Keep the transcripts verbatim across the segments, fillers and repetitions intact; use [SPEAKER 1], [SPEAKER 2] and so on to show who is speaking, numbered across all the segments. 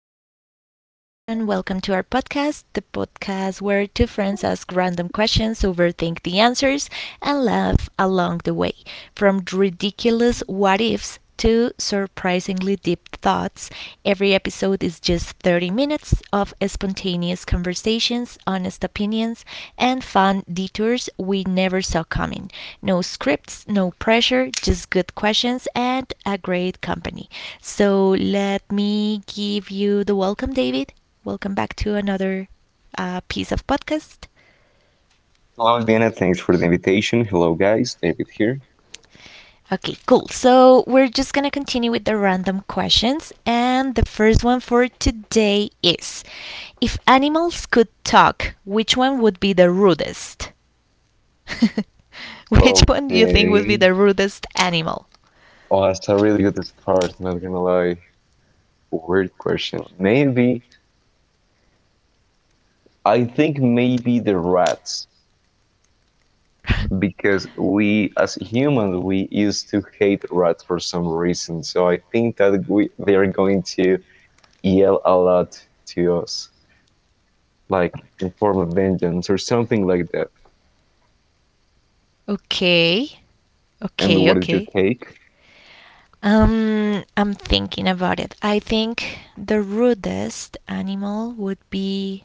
[SPEAKER 1] Uh, hello, everyone. Welcome to our podcast, the podcast where two friends ask random questions, overthink the answers, and laugh along the way. From ridiculous what ifs to surprisingly deep thoughts, every episode is just thirty minutes of spontaneous conversations, honest opinions, and fun detours we never saw coming. No scripts, no pressure, just good questions and a great company. So let me give you the welcome, David. Welcome back to another uh, piece of podcast.
[SPEAKER 2] Hello, Diana. Thanks for the invitation. Hello, guys. David here.
[SPEAKER 1] Okay, cool. So we're just gonna continue with the random questions, and the first one for today is: if animals could talk, which one would be the rudest? Which one do you think would be
[SPEAKER 2] Okay.
[SPEAKER 1] the rudest animal?
[SPEAKER 2] Oh, that's a really good start. Not gonna lie. Weird question. Maybe I think maybe the rats, because we as humans we used to hate rats for some reason. So I think that we they are going to yell a lot to us, like in form of vengeance or something like that.
[SPEAKER 1] Okay,
[SPEAKER 2] And
[SPEAKER 1] okay,
[SPEAKER 2] what is your
[SPEAKER 1] okay.
[SPEAKER 2] take?
[SPEAKER 1] Um, I'm thinking about it. I think the rudest animal would be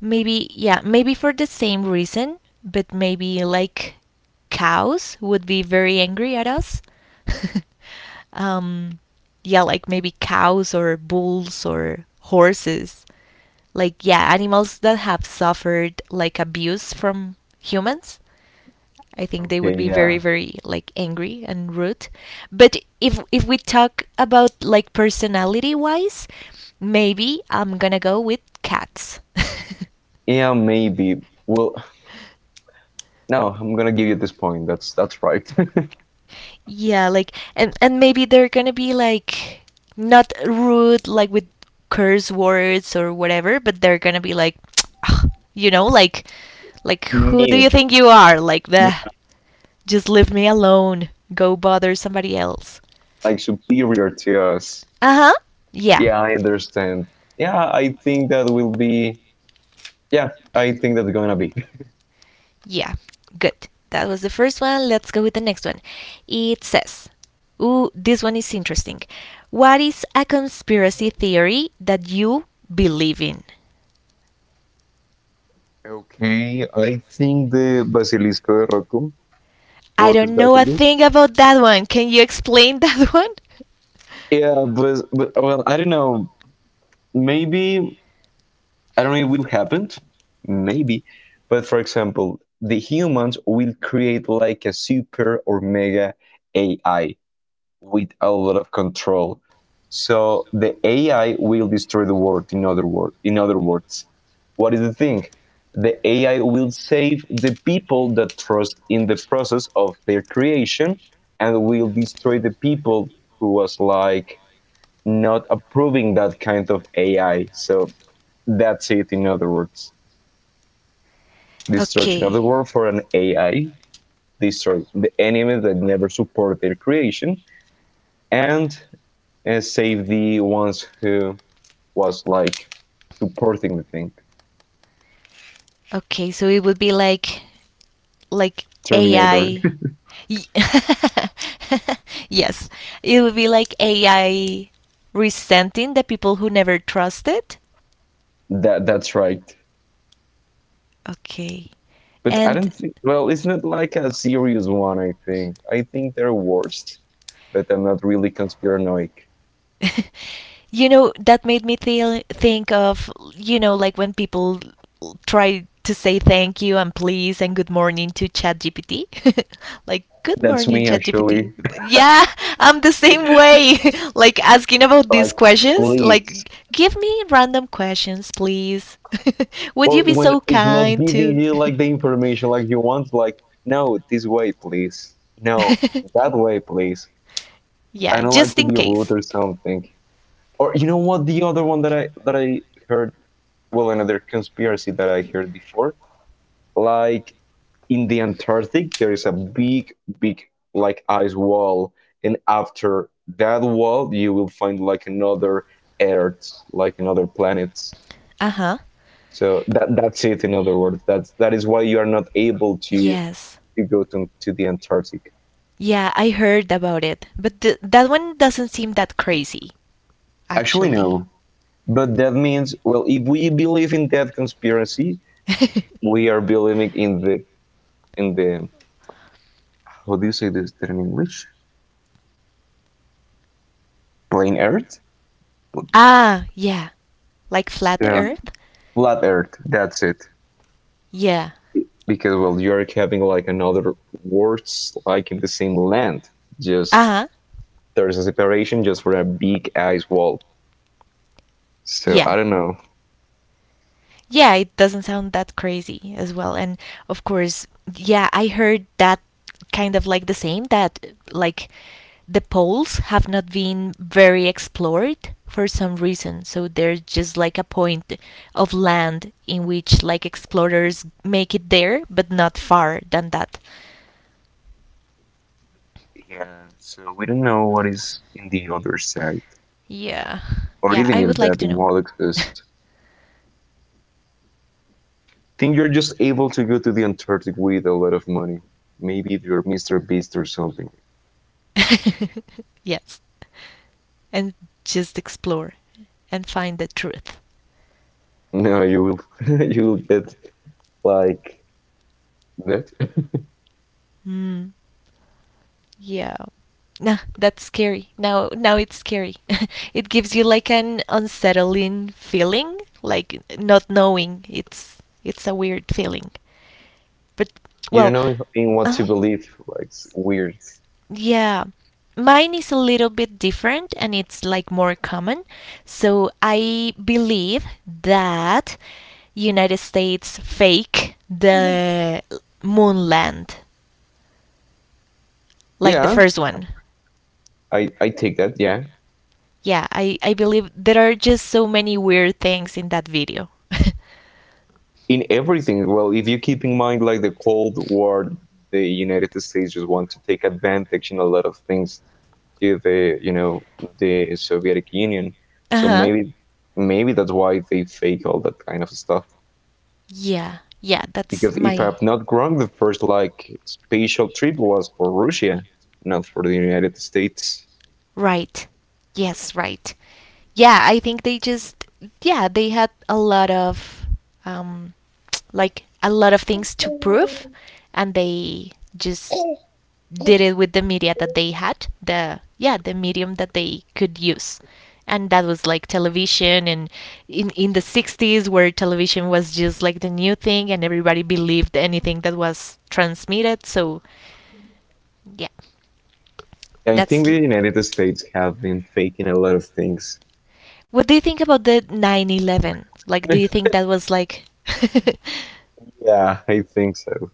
[SPEAKER 1] maybe, yeah, maybe for the same reason, but maybe like cows would be very angry at us. um, yeah, like maybe cows or bulls or horses. Like yeah, animals that have suffered like abuse from humans. I think they would
[SPEAKER 2] Okay,
[SPEAKER 1] be very
[SPEAKER 2] yeah,
[SPEAKER 1] very like angry and rude. But if if we talk about like personality wise, maybe I'm gonna go with cats.
[SPEAKER 2] yeah, maybe. Well, no, I'm gonna give you this point. That's that's right.
[SPEAKER 1] Yeah, like and and maybe they're gonna be like not rude, like with curse words or whatever, but they're gonna be like, you know, like like who do you
[SPEAKER 2] Mean.
[SPEAKER 1] think you are? Like the just leave me alone. Go bother somebody else.
[SPEAKER 2] Like superior to us.
[SPEAKER 1] Uh huh. Yeah.
[SPEAKER 2] Yeah, I understand. Yeah, I think that will be. Yeah, I think that's gonna be.
[SPEAKER 1] Yeah, good. That was the first one. Let's go with the next one. It says, ooh, this one is interesting. What is a conspiracy theory that you believe in?
[SPEAKER 2] Okay, I think the Basilisco de Roku,
[SPEAKER 1] I
[SPEAKER 2] Roku's
[SPEAKER 1] don't know a
[SPEAKER 2] Basilisk.
[SPEAKER 1] thing about that one. Can you explain that one?
[SPEAKER 2] Yeah, but, but well, I don't know. Maybe I don't know. It will happen. Maybe, but for example, the humans will create like a super or mega A I with a lot of control. So the A I will destroy the world. In other word, in other words, what is the thing? The A I will save the people that trust in the process of their creation, and will destroy the people who was like not approving that kind of A I. So that's it. In other words, destruction of the
[SPEAKER 1] Okay.
[SPEAKER 2] world for an A I. Destroy the enemies that never support their creation, and uh, save the ones who was like supporting the thing.
[SPEAKER 1] Okay, so it would be like like
[SPEAKER 2] Terminator.
[SPEAKER 1] A I. Yes, it would be like A I resenting the people who never trusted.
[SPEAKER 2] that that's right.
[SPEAKER 1] Okay.
[SPEAKER 2] But I
[SPEAKER 1] And
[SPEAKER 2] don't think, well, it's not like a serious one. I think i think they're worst. But I'm not really conspiranoic.
[SPEAKER 1] you know, that made me th- think of you know like when people l- try to say thank you and please and good morning to ChatGPT. Like good
[SPEAKER 2] That's
[SPEAKER 1] morning
[SPEAKER 2] me
[SPEAKER 1] ChatGPT.
[SPEAKER 2] actually.
[SPEAKER 1] Yeah, I'm the same way. Like asking about these
[SPEAKER 2] Like,
[SPEAKER 1] questions,
[SPEAKER 2] please.
[SPEAKER 1] like give me random questions please. Would
[SPEAKER 2] Or
[SPEAKER 1] you be
[SPEAKER 2] when
[SPEAKER 1] so
[SPEAKER 2] it's not
[SPEAKER 1] kind
[SPEAKER 2] giving
[SPEAKER 1] to
[SPEAKER 2] you like the information like you want, like no, this way, please. No, that way, please. I
[SPEAKER 1] yeah,
[SPEAKER 2] don't like
[SPEAKER 1] just
[SPEAKER 2] to
[SPEAKER 1] in
[SPEAKER 2] be rude
[SPEAKER 1] case.
[SPEAKER 2] or something. Or you know what? The other one that I that I heard, well, another conspiracy that I heard before, like in the Antarctic, there is a big, big like ice wall, and after that wall, you will find like another Earth, like another planet.
[SPEAKER 1] Uh huh.
[SPEAKER 2] So that that's it. In other words, that's that is why you are not able to
[SPEAKER 1] Yes.
[SPEAKER 2] to go to to the Antarctic.
[SPEAKER 1] Yeah, I heard about it. But th- that one doesn't seem that crazy,
[SPEAKER 2] Actually,
[SPEAKER 1] actually.
[SPEAKER 2] no. But that means, well, if we believe in that conspiracy, we are believing in the in the how do you say this in English? Plain Earth?
[SPEAKER 1] Ah, yeah. Like flat
[SPEAKER 2] Yeah.
[SPEAKER 1] earth?
[SPEAKER 2] Flat Earth. That's it.
[SPEAKER 1] Yeah.
[SPEAKER 2] Because well, you are having like another words like in the same land.
[SPEAKER 1] Uh
[SPEAKER 2] Just
[SPEAKER 1] huh.
[SPEAKER 2] there's a separation just for a big ice wall. So I
[SPEAKER 1] Yeah.
[SPEAKER 2] don't know.
[SPEAKER 1] Yeah, it doesn't sound that crazy as well. And of course, yeah, I heard that kind of like the same that like the poles have not been very explored for some reason, so there's just like a point of land in which like explorers make it there but not far than that.
[SPEAKER 2] Yeah. So we don't know what is in the other side,
[SPEAKER 1] Yeah,
[SPEAKER 2] or
[SPEAKER 1] yeah,
[SPEAKER 2] even
[SPEAKER 1] I would
[SPEAKER 2] if
[SPEAKER 1] like
[SPEAKER 2] that
[SPEAKER 1] to know.
[SPEAKER 2] wall exists. I think you're just able to go to the Antarctic with a lot of money. Maybe if you're Mister Beast or something.
[SPEAKER 1] Yes, and just explore and find the truth.
[SPEAKER 2] No, you will. You will get like that.
[SPEAKER 1] Mm. Yeah. Nah, that's scary. Now, now it's scary. It gives you like an unsettling feeling, like not knowing. It's it's a weird feeling. But
[SPEAKER 2] You don't
[SPEAKER 1] well,
[SPEAKER 2] know in what to
[SPEAKER 1] uh
[SPEAKER 2] believe. Like, it's weird.
[SPEAKER 1] yeah. Mine is a little bit different and it's like more common. So I believe that United States fake the moon land, like the
[SPEAKER 2] Yeah,
[SPEAKER 1] first one.
[SPEAKER 2] I I take that. Yeah,
[SPEAKER 1] Yeah, I, I believe there are just so many weird things in that video. Uh
[SPEAKER 2] in everything. Well, if you keep in mind like the Cold War, the United States just want to take advantage in a lot of things to the you know the Soviet Union. So
[SPEAKER 1] huh.
[SPEAKER 2] maybe maybe that's why they fake all that kind of stuff.
[SPEAKER 1] Yeah, yeah, that's
[SPEAKER 2] Because if
[SPEAKER 1] my.
[SPEAKER 2] I'm not wrong, the first like spatial trip was for Russia, not for the United States.
[SPEAKER 1] Right. Yes, right. Yeah, I think they just. Yeah, they had a lot of. Um, like, a lot of things to prove, and they just did it with the media that they had, the yeah, the medium that they could use. And that was like television and in, in the sixties where television was just like the new thing and everybody believed anything that was transmitted. So yeah.
[SPEAKER 2] I
[SPEAKER 1] That's
[SPEAKER 2] think the United States have been faking a lot of things.
[SPEAKER 1] what do you think about the nine eleven? Like, do you think that was like
[SPEAKER 2] Yeah, I think so.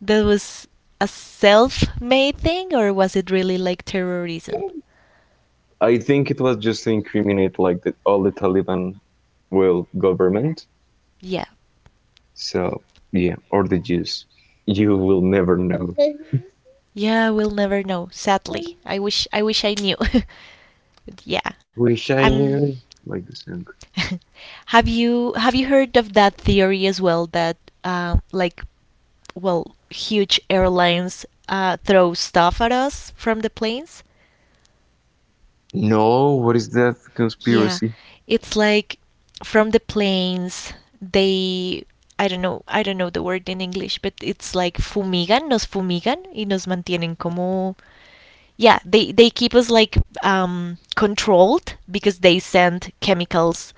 [SPEAKER 1] that was a self-made thing or was it really like terrorism?
[SPEAKER 2] I think it was just to incriminate like the, all the Taliban, will government.
[SPEAKER 1] Yeah.
[SPEAKER 2] So yeah, or the Jews. You will never know.
[SPEAKER 1] Yeah, we'll never know, sadly. I wish I wish I knew. But yeah.
[SPEAKER 2] Wish I
[SPEAKER 1] Um,
[SPEAKER 2] knew. Like the song.
[SPEAKER 1] have you have you heard of that theory as well that um, like well, huge airlines uh, throw stuff at us from the planes.
[SPEAKER 2] No, what is that
[SPEAKER 1] Yeah,
[SPEAKER 2] conspiracy?
[SPEAKER 1] it's like from the planes they, I don't know, I don't know the word in English, but it's like fumigan, nos fumigan y nos mantienen como, yeah, they they keep us like um, controlled because they send chemicals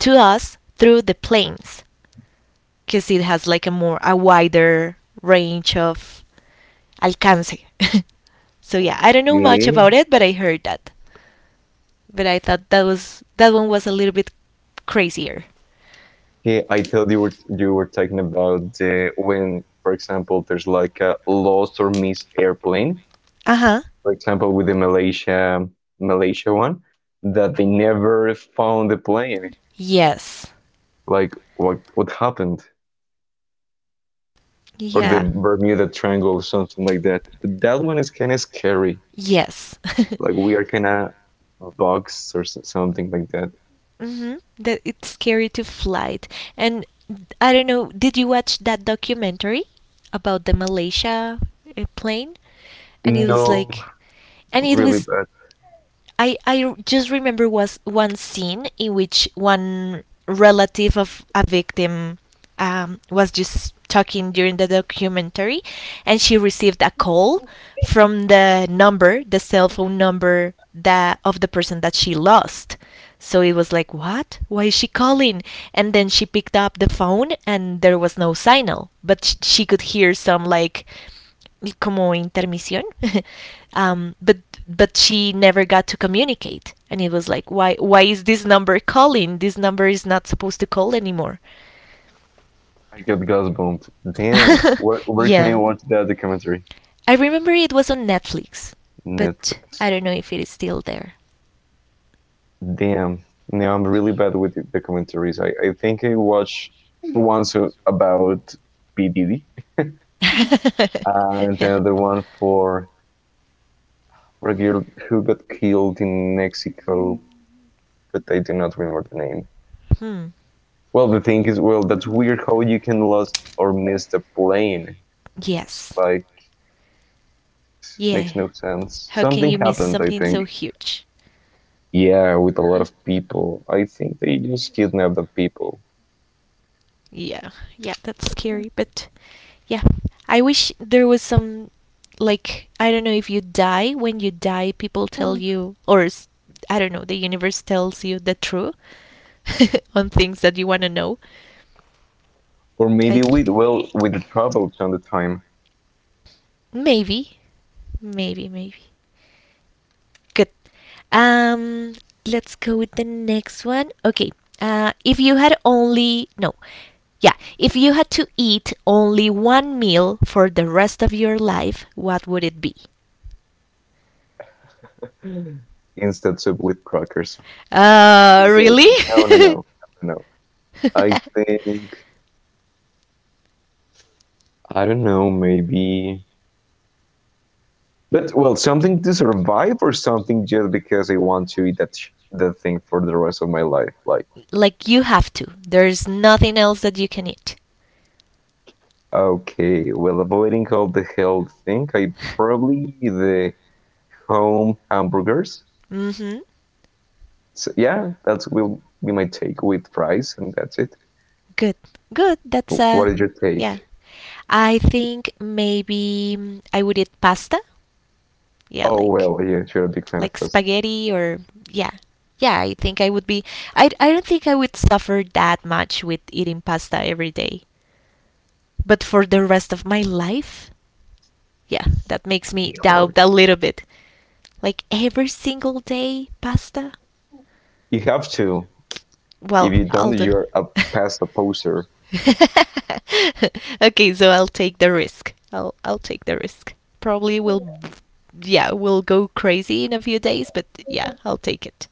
[SPEAKER 1] to us through the planes because it has like a more a wider range of alcance. So yeah, I don't know much
[SPEAKER 2] Okay.
[SPEAKER 1] about it, but I heard that. But I thought that was that one was a little bit crazier.
[SPEAKER 2] Okay, I thought you were you were talking about uh, when, for example, there's like a lost or missed airplane.
[SPEAKER 1] Uh-huh.
[SPEAKER 2] For example, with the Malaysia Malaysia one, that they never found the plane.
[SPEAKER 1] Yes.
[SPEAKER 2] Like what what happened, or the
[SPEAKER 1] Yeah.
[SPEAKER 2] Bermuda Triangle or something like that. That one is kind of scary.
[SPEAKER 1] Yes.
[SPEAKER 2] Like, we are kind of boxed or s- something like that.
[SPEAKER 1] Hmm. That it's scary to flight. And I don't know, did you watch that documentary about the Malaysia uh, plane? And it was
[SPEAKER 2] No,
[SPEAKER 1] like, and it
[SPEAKER 2] really
[SPEAKER 1] was
[SPEAKER 2] bad.
[SPEAKER 1] I I just remember was one scene in which one relative of a victim um, was just talking during the documentary, and she received a call from the number, the cell phone number that of the person that she lost. So it was like, what? Why is she calling? And then she picked up the phone, and there was no signal, but sh- she could hear some like como intermisión. um, but but she never got to communicate, and it was like, why why is this number calling? This number is not supposed to call anymore.
[SPEAKER 2] I got goosebumps. Damn, where where can I
[SPEAKER 1] Yeah,
[SPEAKER 2] watch that documentary?
[SPEAKER 1] I remember it was on Netflix, but
[SPEAKER 2] Netflix.
[SPEAKER 1] I don't know if it is still there.
[SPEAKER 2] Damn. No, I'm really bad with the documentaries. I, I think I watched once so about P D D, and
[SPEAKER 1] Yeah.
[SPEAKER 2] another one for regular who got killed in Mexico, but I do not remember the name.
[SPEAKER 1] Hmm.
[SPEAKER 2] Well, the thing is, well, that's weird how you can lose or miss the plane. It's
[SPEAKER 1] Yes.
[SPEAKER 2] like
[SPEAKER 1] Yeah.
[SPEAKER 2] makes no sense.
[SPEAKER 1] How can
[SPEAKER 2] Something
[SPEAKER 1] you miss
[SPEAKER 2] happened, I
[SPEAKER 1] something so
[SPEAKER 2] think.
[SPEAKER 1] huge?
[SPEAKER 2] Yeah, with a lot of people. I think they just kidnapped the people,
[SPEAKER 1] Yeah, yeah, that's scary. But yeah, I wish there was some like, I don't know, if you die when you die, people tell you or s- I don't know, the universe tells you the truth on things that you want to know.
[SPEAKER 2] or maybe
[SPEAKER 1] Like
[SPEAKER 2] with well with the troubles on the time,
[SPEAKER 1] maybe, maybe, maybe. Good. Um, let's go with the next one. Okay. Uh, if you had only no, Yeah, if you had to eat only one meal for the rest of your life, what would it be?
[SPEAKER 2] instead of with crackers.
[SPEAKER 1] Uh,
[SPEAKER 2] I'm
[SPEAKER 1] really?
[SPEAKER 2] joking. No, no, no, no. No. I think I don't know. Maybe, but well, something to survive or something just because I want to eat that sh- that thing for the rest of my life. Like,
[SPEAKER 1] Like you have to. There's nothing else that you can eat.
[SPEAKER 2] okay, well, avoiding all the health thing, I probably the home hamburgers.
[SPEAKER 1] Mm-hmm.
[SPEAKER 2] So, yeah, that's will be my take with fries, and that's it.
[SPEAKER 1] Good. Good. That's
[SPEAKER 2] Wh-
[SPEAKER 1] uh
[SPEAKER 2] What is your take?
[SPEAKER 1] yeah. I think maybe mm, I would eat pasta. Yeah,
[SPEAKER 2] Oh
[SPEAKER 1] like
[SPEAKER 2] well, yeah, you're a big fan of
[SPEAKER 1] like
[SPEAKER 2] pasta.
[SPEAKER 1] spaghetti or yeah. Yeah, I think I would be, I I don't think I would suffer that much with eating pasta every day. But for the rest of my life, yeah, that makes me
[SPEAKER 2] Be hard.
[SPEAKER 1] doubt a little bit. Like every single day pasta?
[SPEAKER 2] You have to. If
[SPEAKER 1] Well,
[SPEAKER 2] you don't,
[SPEAKER 1] I'll do.
[SPEAKER 2] you're a pasta poser.
[SPEAKER 1] Okay, so I'll take the risk. I'll I'll take the risk. Probably will yeah, will go crazy in a few days, but yeah, I'll take it.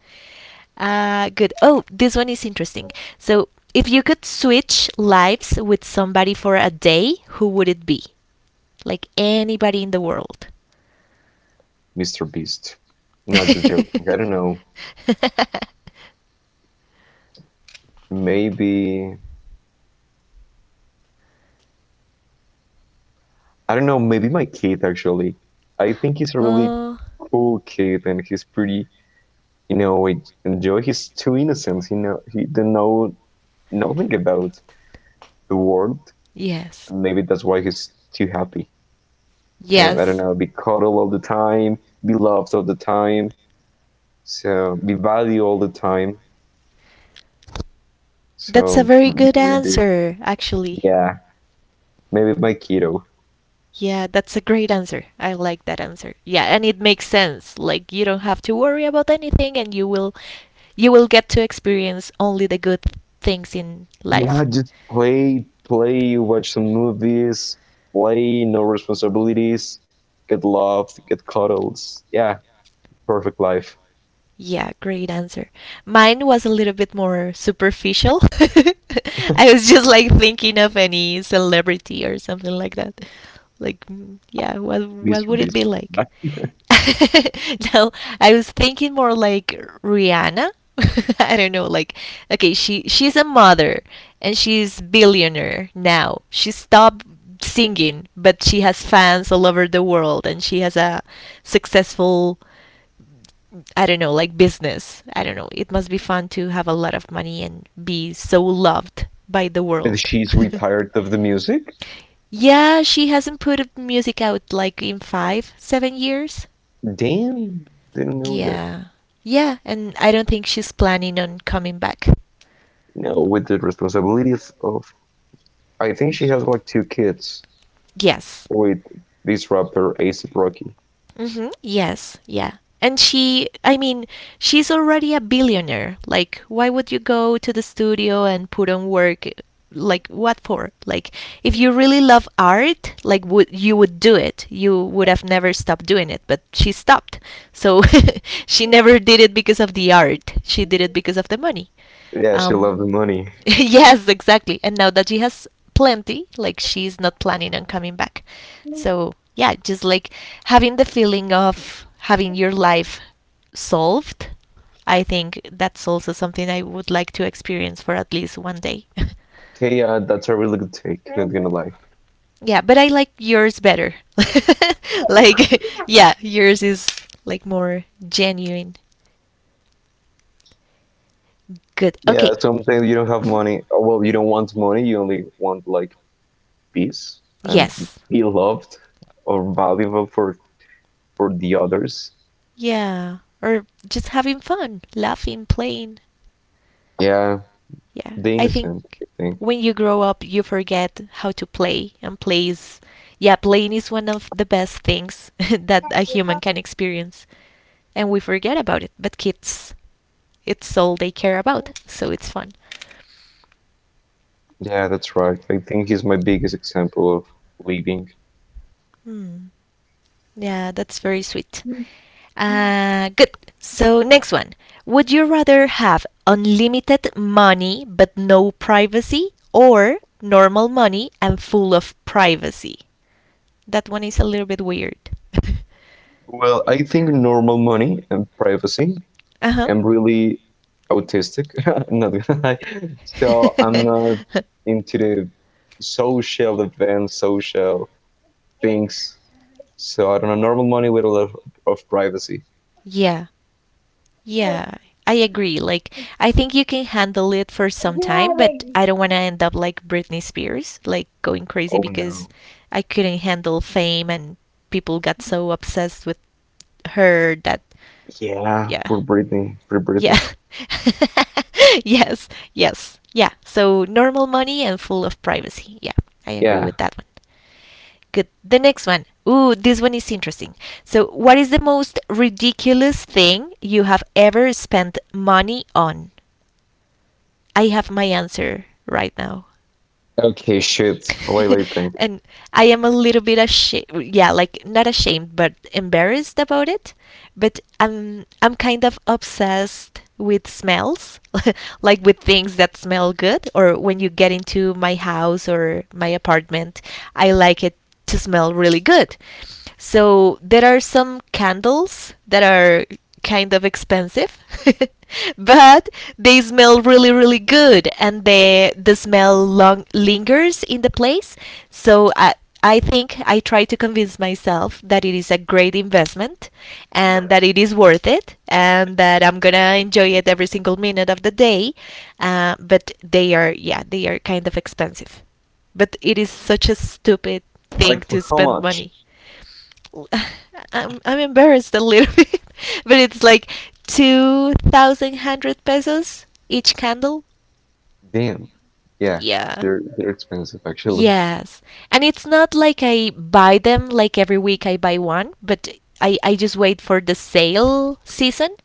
[SPEAKER 1] Uh good. Oh, this one is interesting. So, if you could switch lives with somebody for a day, who would it be? Like anybody in the world.
[SPEAKER 2] Mister Beast. No, just joking. I don't know. Maybe I don't know, maybe my kid actually. I think he's a really
[SPEAKER 1] Oh,
[SPEAKER 2] cool kid and he's pretty, you know, I enjoy. He's too innocent, you know, he didn't know nothing about the world.
[SPEAKER 1] yes.
[SPEAKER 2] Maybe that's why he's too happy. And I don't
[SPEAKER 1] Yes.
[SPEAKER 2] know, be cuddled all the time, be loved all the time, so be valued all the time.
[SPEAKER 1] That's a
[SPEAKER 2] So
[SPEAKER 1] very good
[SPEAKER 2] maybe,
[SPEAKER 1] answer, actually.
[SPEAKER 2] yeah, maybe my kiddo.
[SPEAKER 1] Yeah, that's a great answer. I like that answer. Yeah, and it makes sense. Like you don't have to worry about anything and you will you will get to experience only the good things in
[SPEAKER 2] Yeah,
[SPEAKER 1] life.
[SPEAKER 2] just play, play, watch some movies, play, no responsibilities, get loved, get cuddles. Yeah, perfect life.
[SPEAKER 1] Yeah, great answer. Mine was a little bit more superficial. I was just like thinking of any celebrity or something like that. Like, mm, yeah, what what
[SPEAKER 2] Mister
[SPEAKER 1] would it
[SPEAKER 2] Beast.
[SPEAKER 1] be like?
[SPEAKER 2] Right?
[SPEAKER 1] No, I was thinking more like Rihanna. I don't know, like okay, she she's a mother and she's billionaire now. She stopped singing, but she has fans all over the world and she has a successful I don't know, like business. I don't know. It must be fun to have a lot of money and be so loved by the
[SPEAKER 2] But
[SPEAKER 1] world.
[SPEAKER 2] she's retired of the music?
[SPEAKER 1] Yeah, she hasn't put music out like in five, seven years.
[SPEAKER 2] Damn, didn't know that.
[SPEAKER 1] Yeah. Yeah, and I don't think she's planning on coming back.
[SPEAKER 2] No, with the responsibilities of. I think she
[SPEAKER 1] Y-
[SPEAKER 2] has like two kids
[SPEAKER 1] Yes.
[SPEAKER 2] with this rapper, Ace Rocky.
[SPEAKER 1] Mhm. Yes. Yeah. And she, I mean, she's already a billionaire. Like, why would you go to the studio and put on work? Like, what for? Like, if you really love art, like, would you would do it? You would have never stopped doing it. But she stopped. So she never did it because of the art. She did it because of the money.
[SPEAKER 2] Yeah, she
[SPEAKER 1] Um,
[SPEAKER 2] loved the money.
[SPEAKER 1] yes, exactly. And now that she has plenty, like she's not planning on coming back. So, yeah, just like having the feeling of having your life solved, I think that's also something I would like to experience for at least one day.
[SPEAKER 2] Okay, yeah, that's a really good take, not gonna lie.
[SPEAKER 1] Yeah, but I like yours better. Like, yeah, yours is like more genuine. Good. Okay.
[SPEAKER 2] Yeah, sometimes you don't have
[SPEAKER 1] Mhm.
[SPEAKER 2] money. Or, well, you don't want money, you only want like peace and
[SPEAKER 1] Yes.
[SPEAKER 2] be loved or valuable for for the others.
[SPEAKER 1] Yeah, or just having fun, laughing, playing.
[SPEAKER 2] Yeah,
[SPEAKER 1] Yeah,
[SPEAKER 2] the
[SPEAKER 1] I think
[SPEAKER 2] innocent, I think.
[SPEAKER 1] when you grow up, you forget how to play, and play is, yeah, playing is one of the best things that a human can experience, and we forget about it. But kids, it's all they care about, so it's fun.
[SPEAKER 2] Yeah, that's right. I think he's my biggest example of leading.
[SPEAKER 1] Hmm. Yeah, that's very sweet. Uh, good. So, next one. Would you rather have unlimited money but no privacy or normal money and full of privacy? That one is a little bit weird.
[SPEAKER 2] Well, I think normal money and privacy.
[SPEAKER 1] uh huh.
[SPEAKER 2] I'm really autistic. I'm not gonna lie. So I'm not into the social events, social things. So I don't know, normal money with a lot of, of privacy.
[SPEAKER 1] Yeah. Yeah, I agree. Like, I think you can handle it for some time, but I don't want to end up like Britney Spears, like going crazy
[SPEAKER 2] Oh
[SPEAKER 1] because
[SPEAKER 2] no.
[SPEAKER 1] I couldn't handle fame and people got so obsessed with her that,
[SPEAKER 2] Yeah,
[SPEAKER 1] yeah,
[SPEAKER 2] poor Britney. Poor Britney.
[SPEAKER 1] yeah. Yes, yes, yeah. So normal money and full of privacy. Yeah, I agree
[SPEAKER 2] Yeah.
[SPEAKER 1] with that one. Good. The next one. Ooh, this one is interesting. So, what is the most ridiculous thing you have ever spent money on? I have my answer right now.
[SPEAKER 2] Okay, shit. Why do I think?
[SPEAKER 1] And I am a little bit ashamed, yeah, like not ashamed, but embarrassed about it. But I'm I'm kind of obsessed with smells, like with things that smell good. Or when you get into my house or my apartment, I like it to smell really good. So there are some candles that are kind of expensive, but they smell really really good, and the the smell long lingers in the place. So I I think I try to convince myself that it is a great investment, and that it is worth it, and that I'm gonna enjoy it every single minute of the day. Uh, but they are yeah they are kind of expensive but it is such a stupid thing
[SPEAKER 2] Like,
[SPEAKER 1] to
[SPEAKER 2] for how
[SPEAKER 1] spend
[SPEAKER 2] much?
[SPEAKER 1] money. I'm, I'm embarrassed a little bit, but it's like twenty-one hundred pesos each candle.
[SPEAKER 2] Damn. Yeah,
[SPEAKER 1] Yeah.
[SPEAKER 2] they're they're expensive actually.
[SPEAKER 1] Yes. And it's not like I buy them like every week I buy one, but I, I just wait for the sale season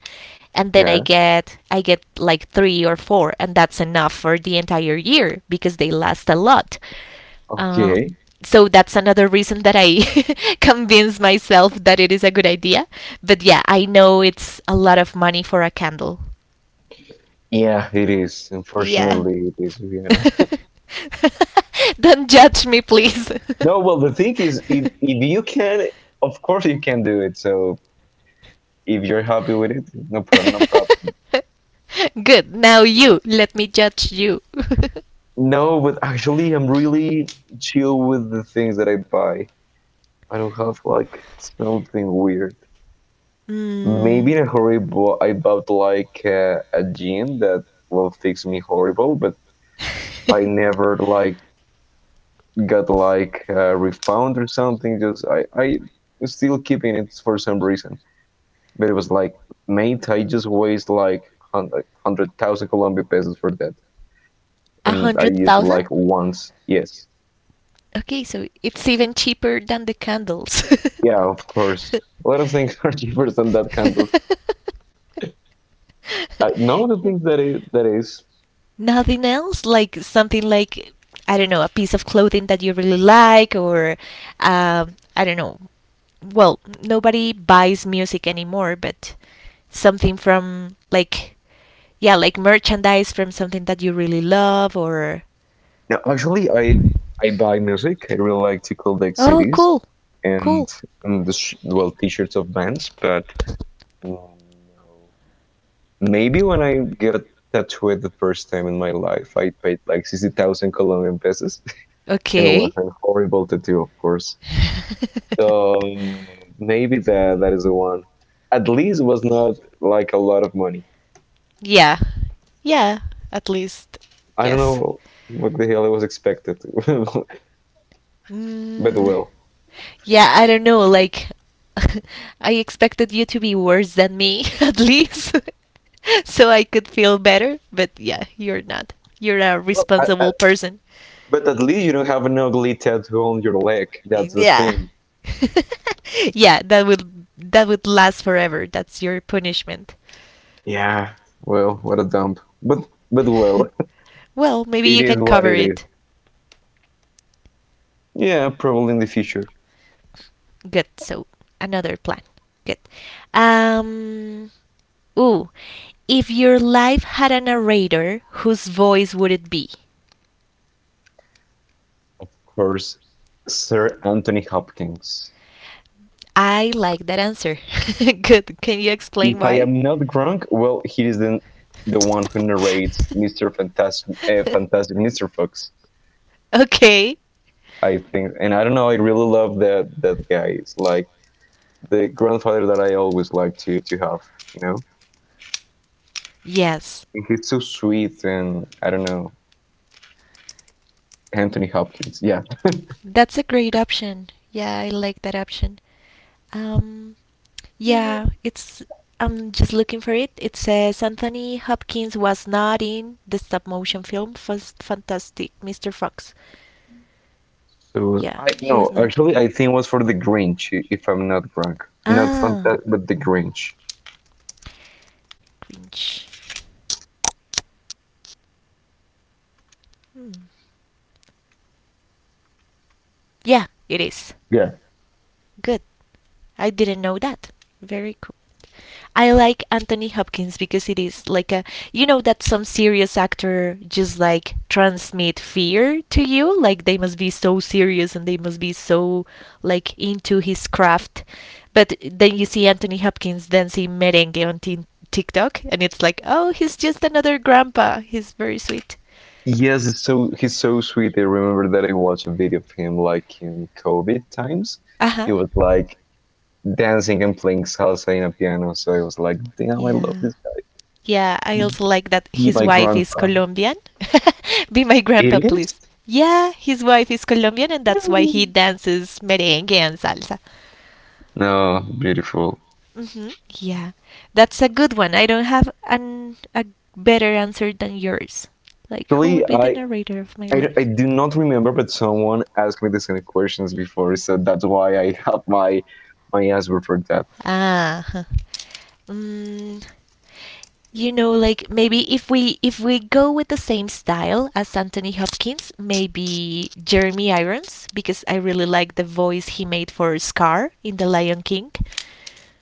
[SPEAKER 1] and then I
[SPEAKER 2] Yeah.
[SPEAKER 1] get I get like three or four, and that's enough for the entire year because they last a lot. Um,
[SPEAKER 2] Okay.
[SPEAKER 1] so that's another reason that I convince myself that it is a good idea. But yeah, I know it's a lot of money for a candle.
[SPEAKER 2] Yeah, it is.
[SPEAKER 1] Yeah.
[SPEAKER 2] Unfortunately, it is, to be honest.
[SPEAKER 1] Don't judge me, please.
[SPEAKER 2] No, well, the thing is, if if you can, of course you can do it. So if you're happy with it, no problem, no problem.
[SPEAKER 1] Good. Now you let me judge you.
[SPEAKER 2] No, but actually, I'm really chill with the things that I buy. I don't have like something weird. Maybe
[SPEAKER 1] Hmm.
[SPEAKER 2] in a hurry, but I bought like uh, a gin that will fix me horrible, but I never like got like uh, refund or something. Just I I still keeping it for some reason, but it was like mate, I just waste like hundred hundred thousand Colombian pesos for that,
[SPEAKER 1] A
[SPEAKER 2] and I
[SPEAKER 1] hundred
[SPEAKER 2] used it
[SPEAKER 1] thousand?
[SPEAKER 2] like once. Yes,
[SPEAKER 1] Okay, so it's even cheaper than the candles.
[SPEAKER 2] yeah, of course. A lot of things are cheaper than that candles. I, none the
[SPEAKER 1] Yeah.
[SPEAKER 2] things that is that is
[SPEAKER 1] Nothing else? Like something like, I don't know, a piece of clothing that you really like, or um, I don't know. Well, nobody buys music anymore, but something from like, yeah, like merchandise from something that you really love, or.
[SPEAKER 2] No, actually, I I buy music. I really like to collect
[SPEAKER 1] Oh,
[SPEAKER 2] C Ds,
[SPEAKER 1] cool.
[SPEAKER 2] and,
[SPEAKER 1] Cool.
[SPEAKER 2] and the sh- well T-shirts of bands. But mm, no. Maybe when I get tattooed the first time in my life, I paid like sixty thousand Colombian pesos, and it was
[SPEAKER 1] Okay.
[SPEAKER 2] a horrible tattoo, of course. So um, maybe that that is the one. At least it was not like a lot of money.
[SPEAKER 1] Yeah. Yeah, at least.
[SPEAKER 2] I don't
[SPEAKER 1] Yes.
[SPEAKER 2] know what the hell I was expected, but
[SPEAKER 1] Mm,
[SPEAKER 2] well.
[SPEAKER 1] yeah, I don't know. Like, I expected you to be worse than me, at least, so I could feel better. But yeah, you're not. You're a
[SPEAKER 2] Well, I,
[SPEAKER 1] responsible person.
[SPEAKER 2] but at least you don't have an ugly tattoo on your leg. That's the
[SPEAKER 1] Yeah.
[SPEAKER 2] thing.
[SPEAKER 1] Yeah, that would that would last forever. That's your punishment.
[SPEAKER 2] Yeah. Well, what a dump. But but well,
[SPEAKER 1] Well, maybe
[SPEAKER 2] it
[SPEAKER 1] you
[SPEAKER 2] is
[SPEAKER 1] can
[SPEAKER 2] what
[SPEAKER 1] cover
[SPEAKER 2] it is.
[SPEAKER 1] it.
[SPEAKER 2] Yeah, probably in the future.
[SPEAKER 1] Good. So another plan. Good. Um. Ooh. If your life had a narrator, whose voice would it be?
[SPEAKER 2] Of course, Sir Anthony Hopkins.
[SPEAKER 1] I like that answer. Good. Can you explain
[SPEAKER 2] If I
[SPEAKER 1] why?
[SPEAKER 2] am not wrong, well, he is the the one who narrates Mister Fantastic, uh, Fantastic Mister Fox.
[SPEAKER 1] Okay.
[SPEAKER 2] I think, and I don't know. I really love that that guy. It's like the grandfather that I always like to to have. You know,
[SPEAKER 1] Yes.
[SPEAKER 2] and he's so sweet, and I don't know. Anthony Hopkins. Yeah.
[SPEAKER 1] That's a great option. Yeah, I like that option. Um, yeah, it's. I'm just looking for it. It says Anthony Hopkins was not in the stop motion film Fas- Fantastic mister Fox.
[SPEAKER 2] So
[SPEAKER 1] Yeah,
[SPEAKER 2] I
[SPEAKER 1] he was
[SPEAKER 2] no,
[SPEAKER 1] not.
[SPEAKER 2] actually, I think it was for the Grinch, if I'm not wrong. Not
[SPEAKER 1] Ah,
[SPEAKER 2] Fantastic, but the Grinch.
[SPEAKER 1] cringe. Hmm. Yeah, it is.
[SPEAKER 2] Yeah.
[SPEAKER 1] Good. I didn't know that. Very cool. I like Anthony Hopkins because it is like a, you know, that some serious actor just like transmit fear to you, like they must be so serious and they must be so like into his craft, but then you see Anthony Hopkins dancing merengue on t- TikTok, and it's like, oh, he's just another grandpa, he's very sweet.
[SPEAKER 2] Yes, it's so he's so sweet. I remember that I watched a video of him like in COVID times.
[SPEAKER 1] Uh-huh.
[SPEAKER 2] He was like dancing and playing salsa in a piano. So I was like, damn, I love
[SPEAKER 1] Yeah.
[SPEAKER 2] this
[SPEAKER 1] Yeah, I
[SPEAKER 2] guy.
[SPEAKER 1] also like that
[SPEAKER 2] Be
[SPEAKER 1] his
[SPEAKER 2] my
[SPEAKER 1] wife is
[SPEAKER 2] grandpa.
[SPEAKER 1] Colombian. Be my grandpa,
[SPEAKER 2] It
[SPEAKER 1] please.
[SPEAKER 2] is?
[SPEAKER 1] Yeah, his wife is Colombian, and that's why he dances merengue and salsa.
[SPEAKER 2] No, beautiful.
[SPEAKER 1] Hmm. Yeah, that's a good one. I don't have an a better answer than yours. Like, who
[SPEAKER 2] Actually,
[SPEAKER 1] would be the
[SPEAKER 2] I
[SPEAKER 1] narrator of my
[SPEAKER 2] I I
[SPEAKER 1] life?
[SPEAKER 2] do not remember, but someone asked me the same questions before, so that's why I have my my answer for that.
[SPEAKER 1] Ah. Huh. Mm, you know, like maybe if we if we go with the same style as Anthony Hopkins, maybe Jeremy Irons, because I really like the voice he made for Scar in The Lion King.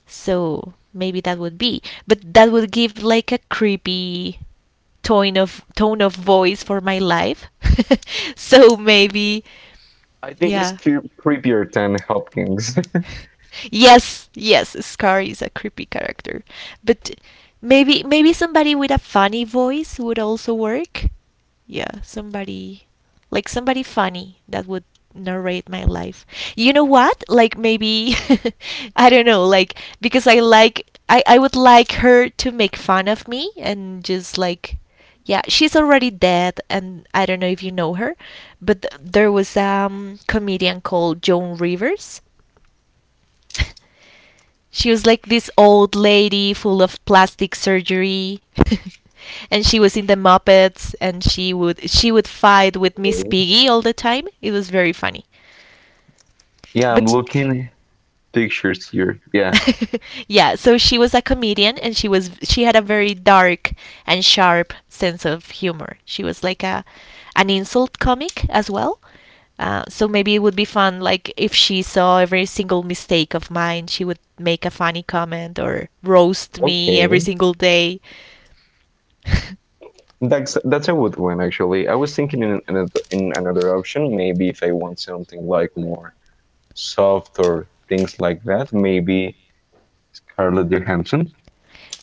[SPEAKER 1] So maybe that would be, but that would give like a creepy tone of tone of voice for my life. So maybe
[SPEAKER 2] I think it's
[SPEAKER 1] yeah.
[SPEAKER 2] cre- creepier than Hopkins.
[SPEAKER 1] Yes, yes, Scar is a creepy character. But maybe maybe somebody with a funny voice would also work. Yeah, somebody like somebody funny that would narrate my life. You know what? Like maybe I don't know, like because I like I I would like her to make fun of me and just like yeah she's already dead and I don't know if you know her but th- there was a um, comedian called Joan Rivers. She was like this old lady full of plastic surgery, and she was in the Muppets and she would she would fight with Miss Piggy all the time. It was very funny.
[SPEAKER 2] Yeah, I'm
[SPEAKER 1] But
[SPEAKER 2] looking pictures here. Yeah.
[SPEAKER 1] yeah, so she was a comedian and she was she had a very dark and sharp sense of humor. She was like a an insult comic as well. Uh, so maybe it would be fun like if she saw every single mistake of mine, she would make a funny comment or roast me every
[SPEAKER 2] Okay.
[SPEAKER 1] single day.
[SPEAKER 2] That's that's a good one actually. I was thinking in another in another option, maybe if I want something like more soft or things like that, maybe Scarlett Johansson.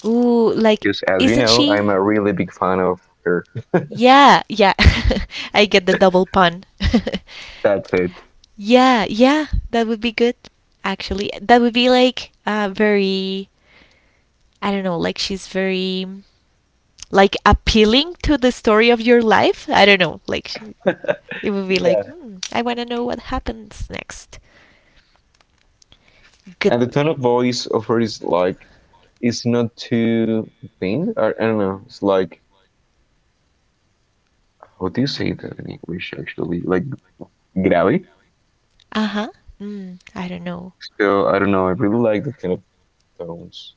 [SPEAKER 1] Ooh, like,
[SPEAKER 2] Because as you
[SPEAKER 1] isn't
[SPEAKER 2] know, I'm
[SPEAKER 1] she?
[SPEAKER 2] a really big fan of her.
[SPEAKER 1] Yeah, yeah. I get the double pun.
[SPEAKER 2] That's it.
[SPEAKER 1] Yeah, yeah, that would be good. Actually, that would be like uh, very, I don't know, like she's very like appealing to the story of your life. I don't know, like it would be
[SPEAKER 2] Yeah.
[SPEAKER 1] like, hmm, I want to know what happens next. Good.
[SPEAKER 2] And the tone of voice of her is like it's not too thin. Or, I don't know. It's like, how do you say that in English? Actually, like grave.
[SPEAKER 1] Uh huh. Mm, I don't know.
[SPEAKER 2] So I don't know. I really like that kind of tones,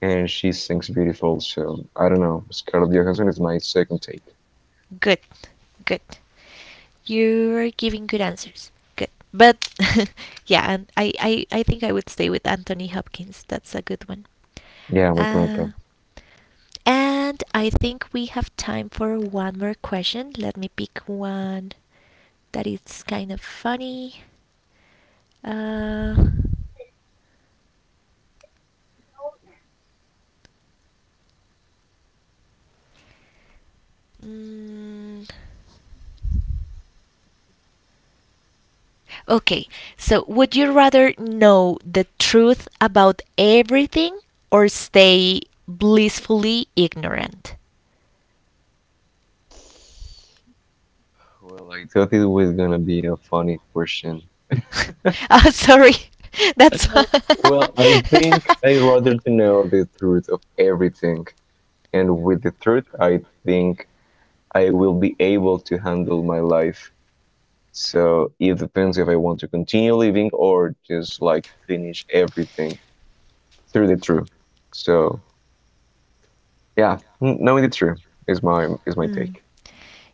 [SPEAKER 2] and she sings beautiful. So I don't know. Scarlett Johansson is my second take.
[SPEAKER 1] Good. Good. You are giving good answers. Good. But yeah, and I, I, I think I would stay with Anthony Hopkins. That's a good one.
[SPEAKER 2] Yeah, my grandpa.
[SPEAKER 1] Uh, And I think we have time for one more question. Let me pick one that is kind of funny. Uh, mm, okay, so would you rather know the truth about everything or stay blissfully ignorant?
[SPEAKER 2] Well, I thought it was gonna be a funny question.
[SPEAKER 1] Oh, sorry. That's.
[SPEAKER 2] Well, I think I rather to know the truth of everything, and with the truth, I think I will be able to handle my life. So it depends if I want to continue living or just like finish everything through the through. So yeah, n- knowing the truth is my is my
[SPEAKER 1] Hmm.
[SPEAKER 2] take.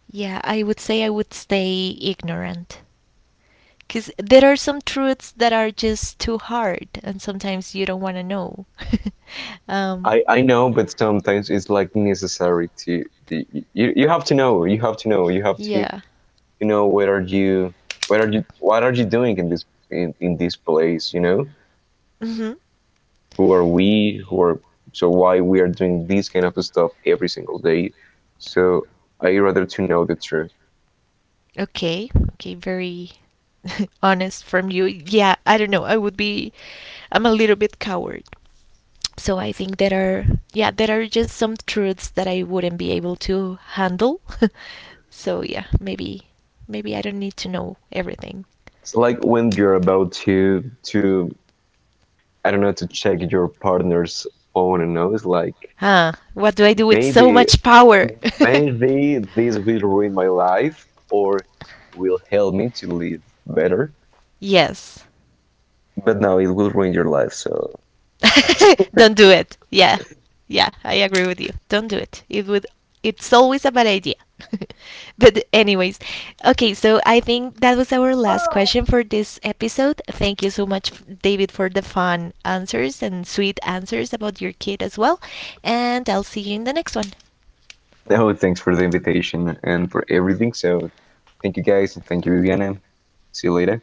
[SPEAKER 1] Yeah, I would say I would stay ignorant, because there are some truths that are just too hard and sometimes you don't want to know. um
[SPEAKER 2] I I know, but sometimes it's like necessary to the- you you have to know, you have to know, you have to.
[SPEAKER 1] yeah.
[SPEAKER 2] You know what are you, what are you what are you doing in this, in, in this place? You know
[SPEAKER 1] Mm-hmm.
[SPEAKER 2] who are we, who are. So why we are doing this kind of stuff every single day? So I rather to know the truth.
[SPEAKER 1] Okay, okay, very honest from you. Yeah, I don't know, I would be, I'm a little bit coward, so I think there are, yeah, there are just some truths that I wouldn't be able to handle. So yeah, maybe maybe I don't need to know everything.
[SPEAKER 2] It's like when you're about to to, I don't know, to check your partner's phone and know, it's like,
[SPEAKER 1] Huh, what do I do with so
[SPEAKER 2] maybe
[SPEAKER 1] much power?
[SPEAKER 2] maybe this will ruin my life or will help me to live better,
[SPEAKER 1] Yes.
[SPEAKER 2] but now it will ruin your life. So
[SPEAKER 1] Don't do it. Yeah. Yeah, I agree with you. Don't do it. It would, it's always a bad idea. But anyways, okay, so I think that was our last question for this episode. Thank you so much f- David for the fun answers and sweet answers about your kid as well, and I'll see you in the next one.
[SPEAKER 2] no, thanks for the invitation and for everything. So, thank you guys and thank you, Viviana. See you later.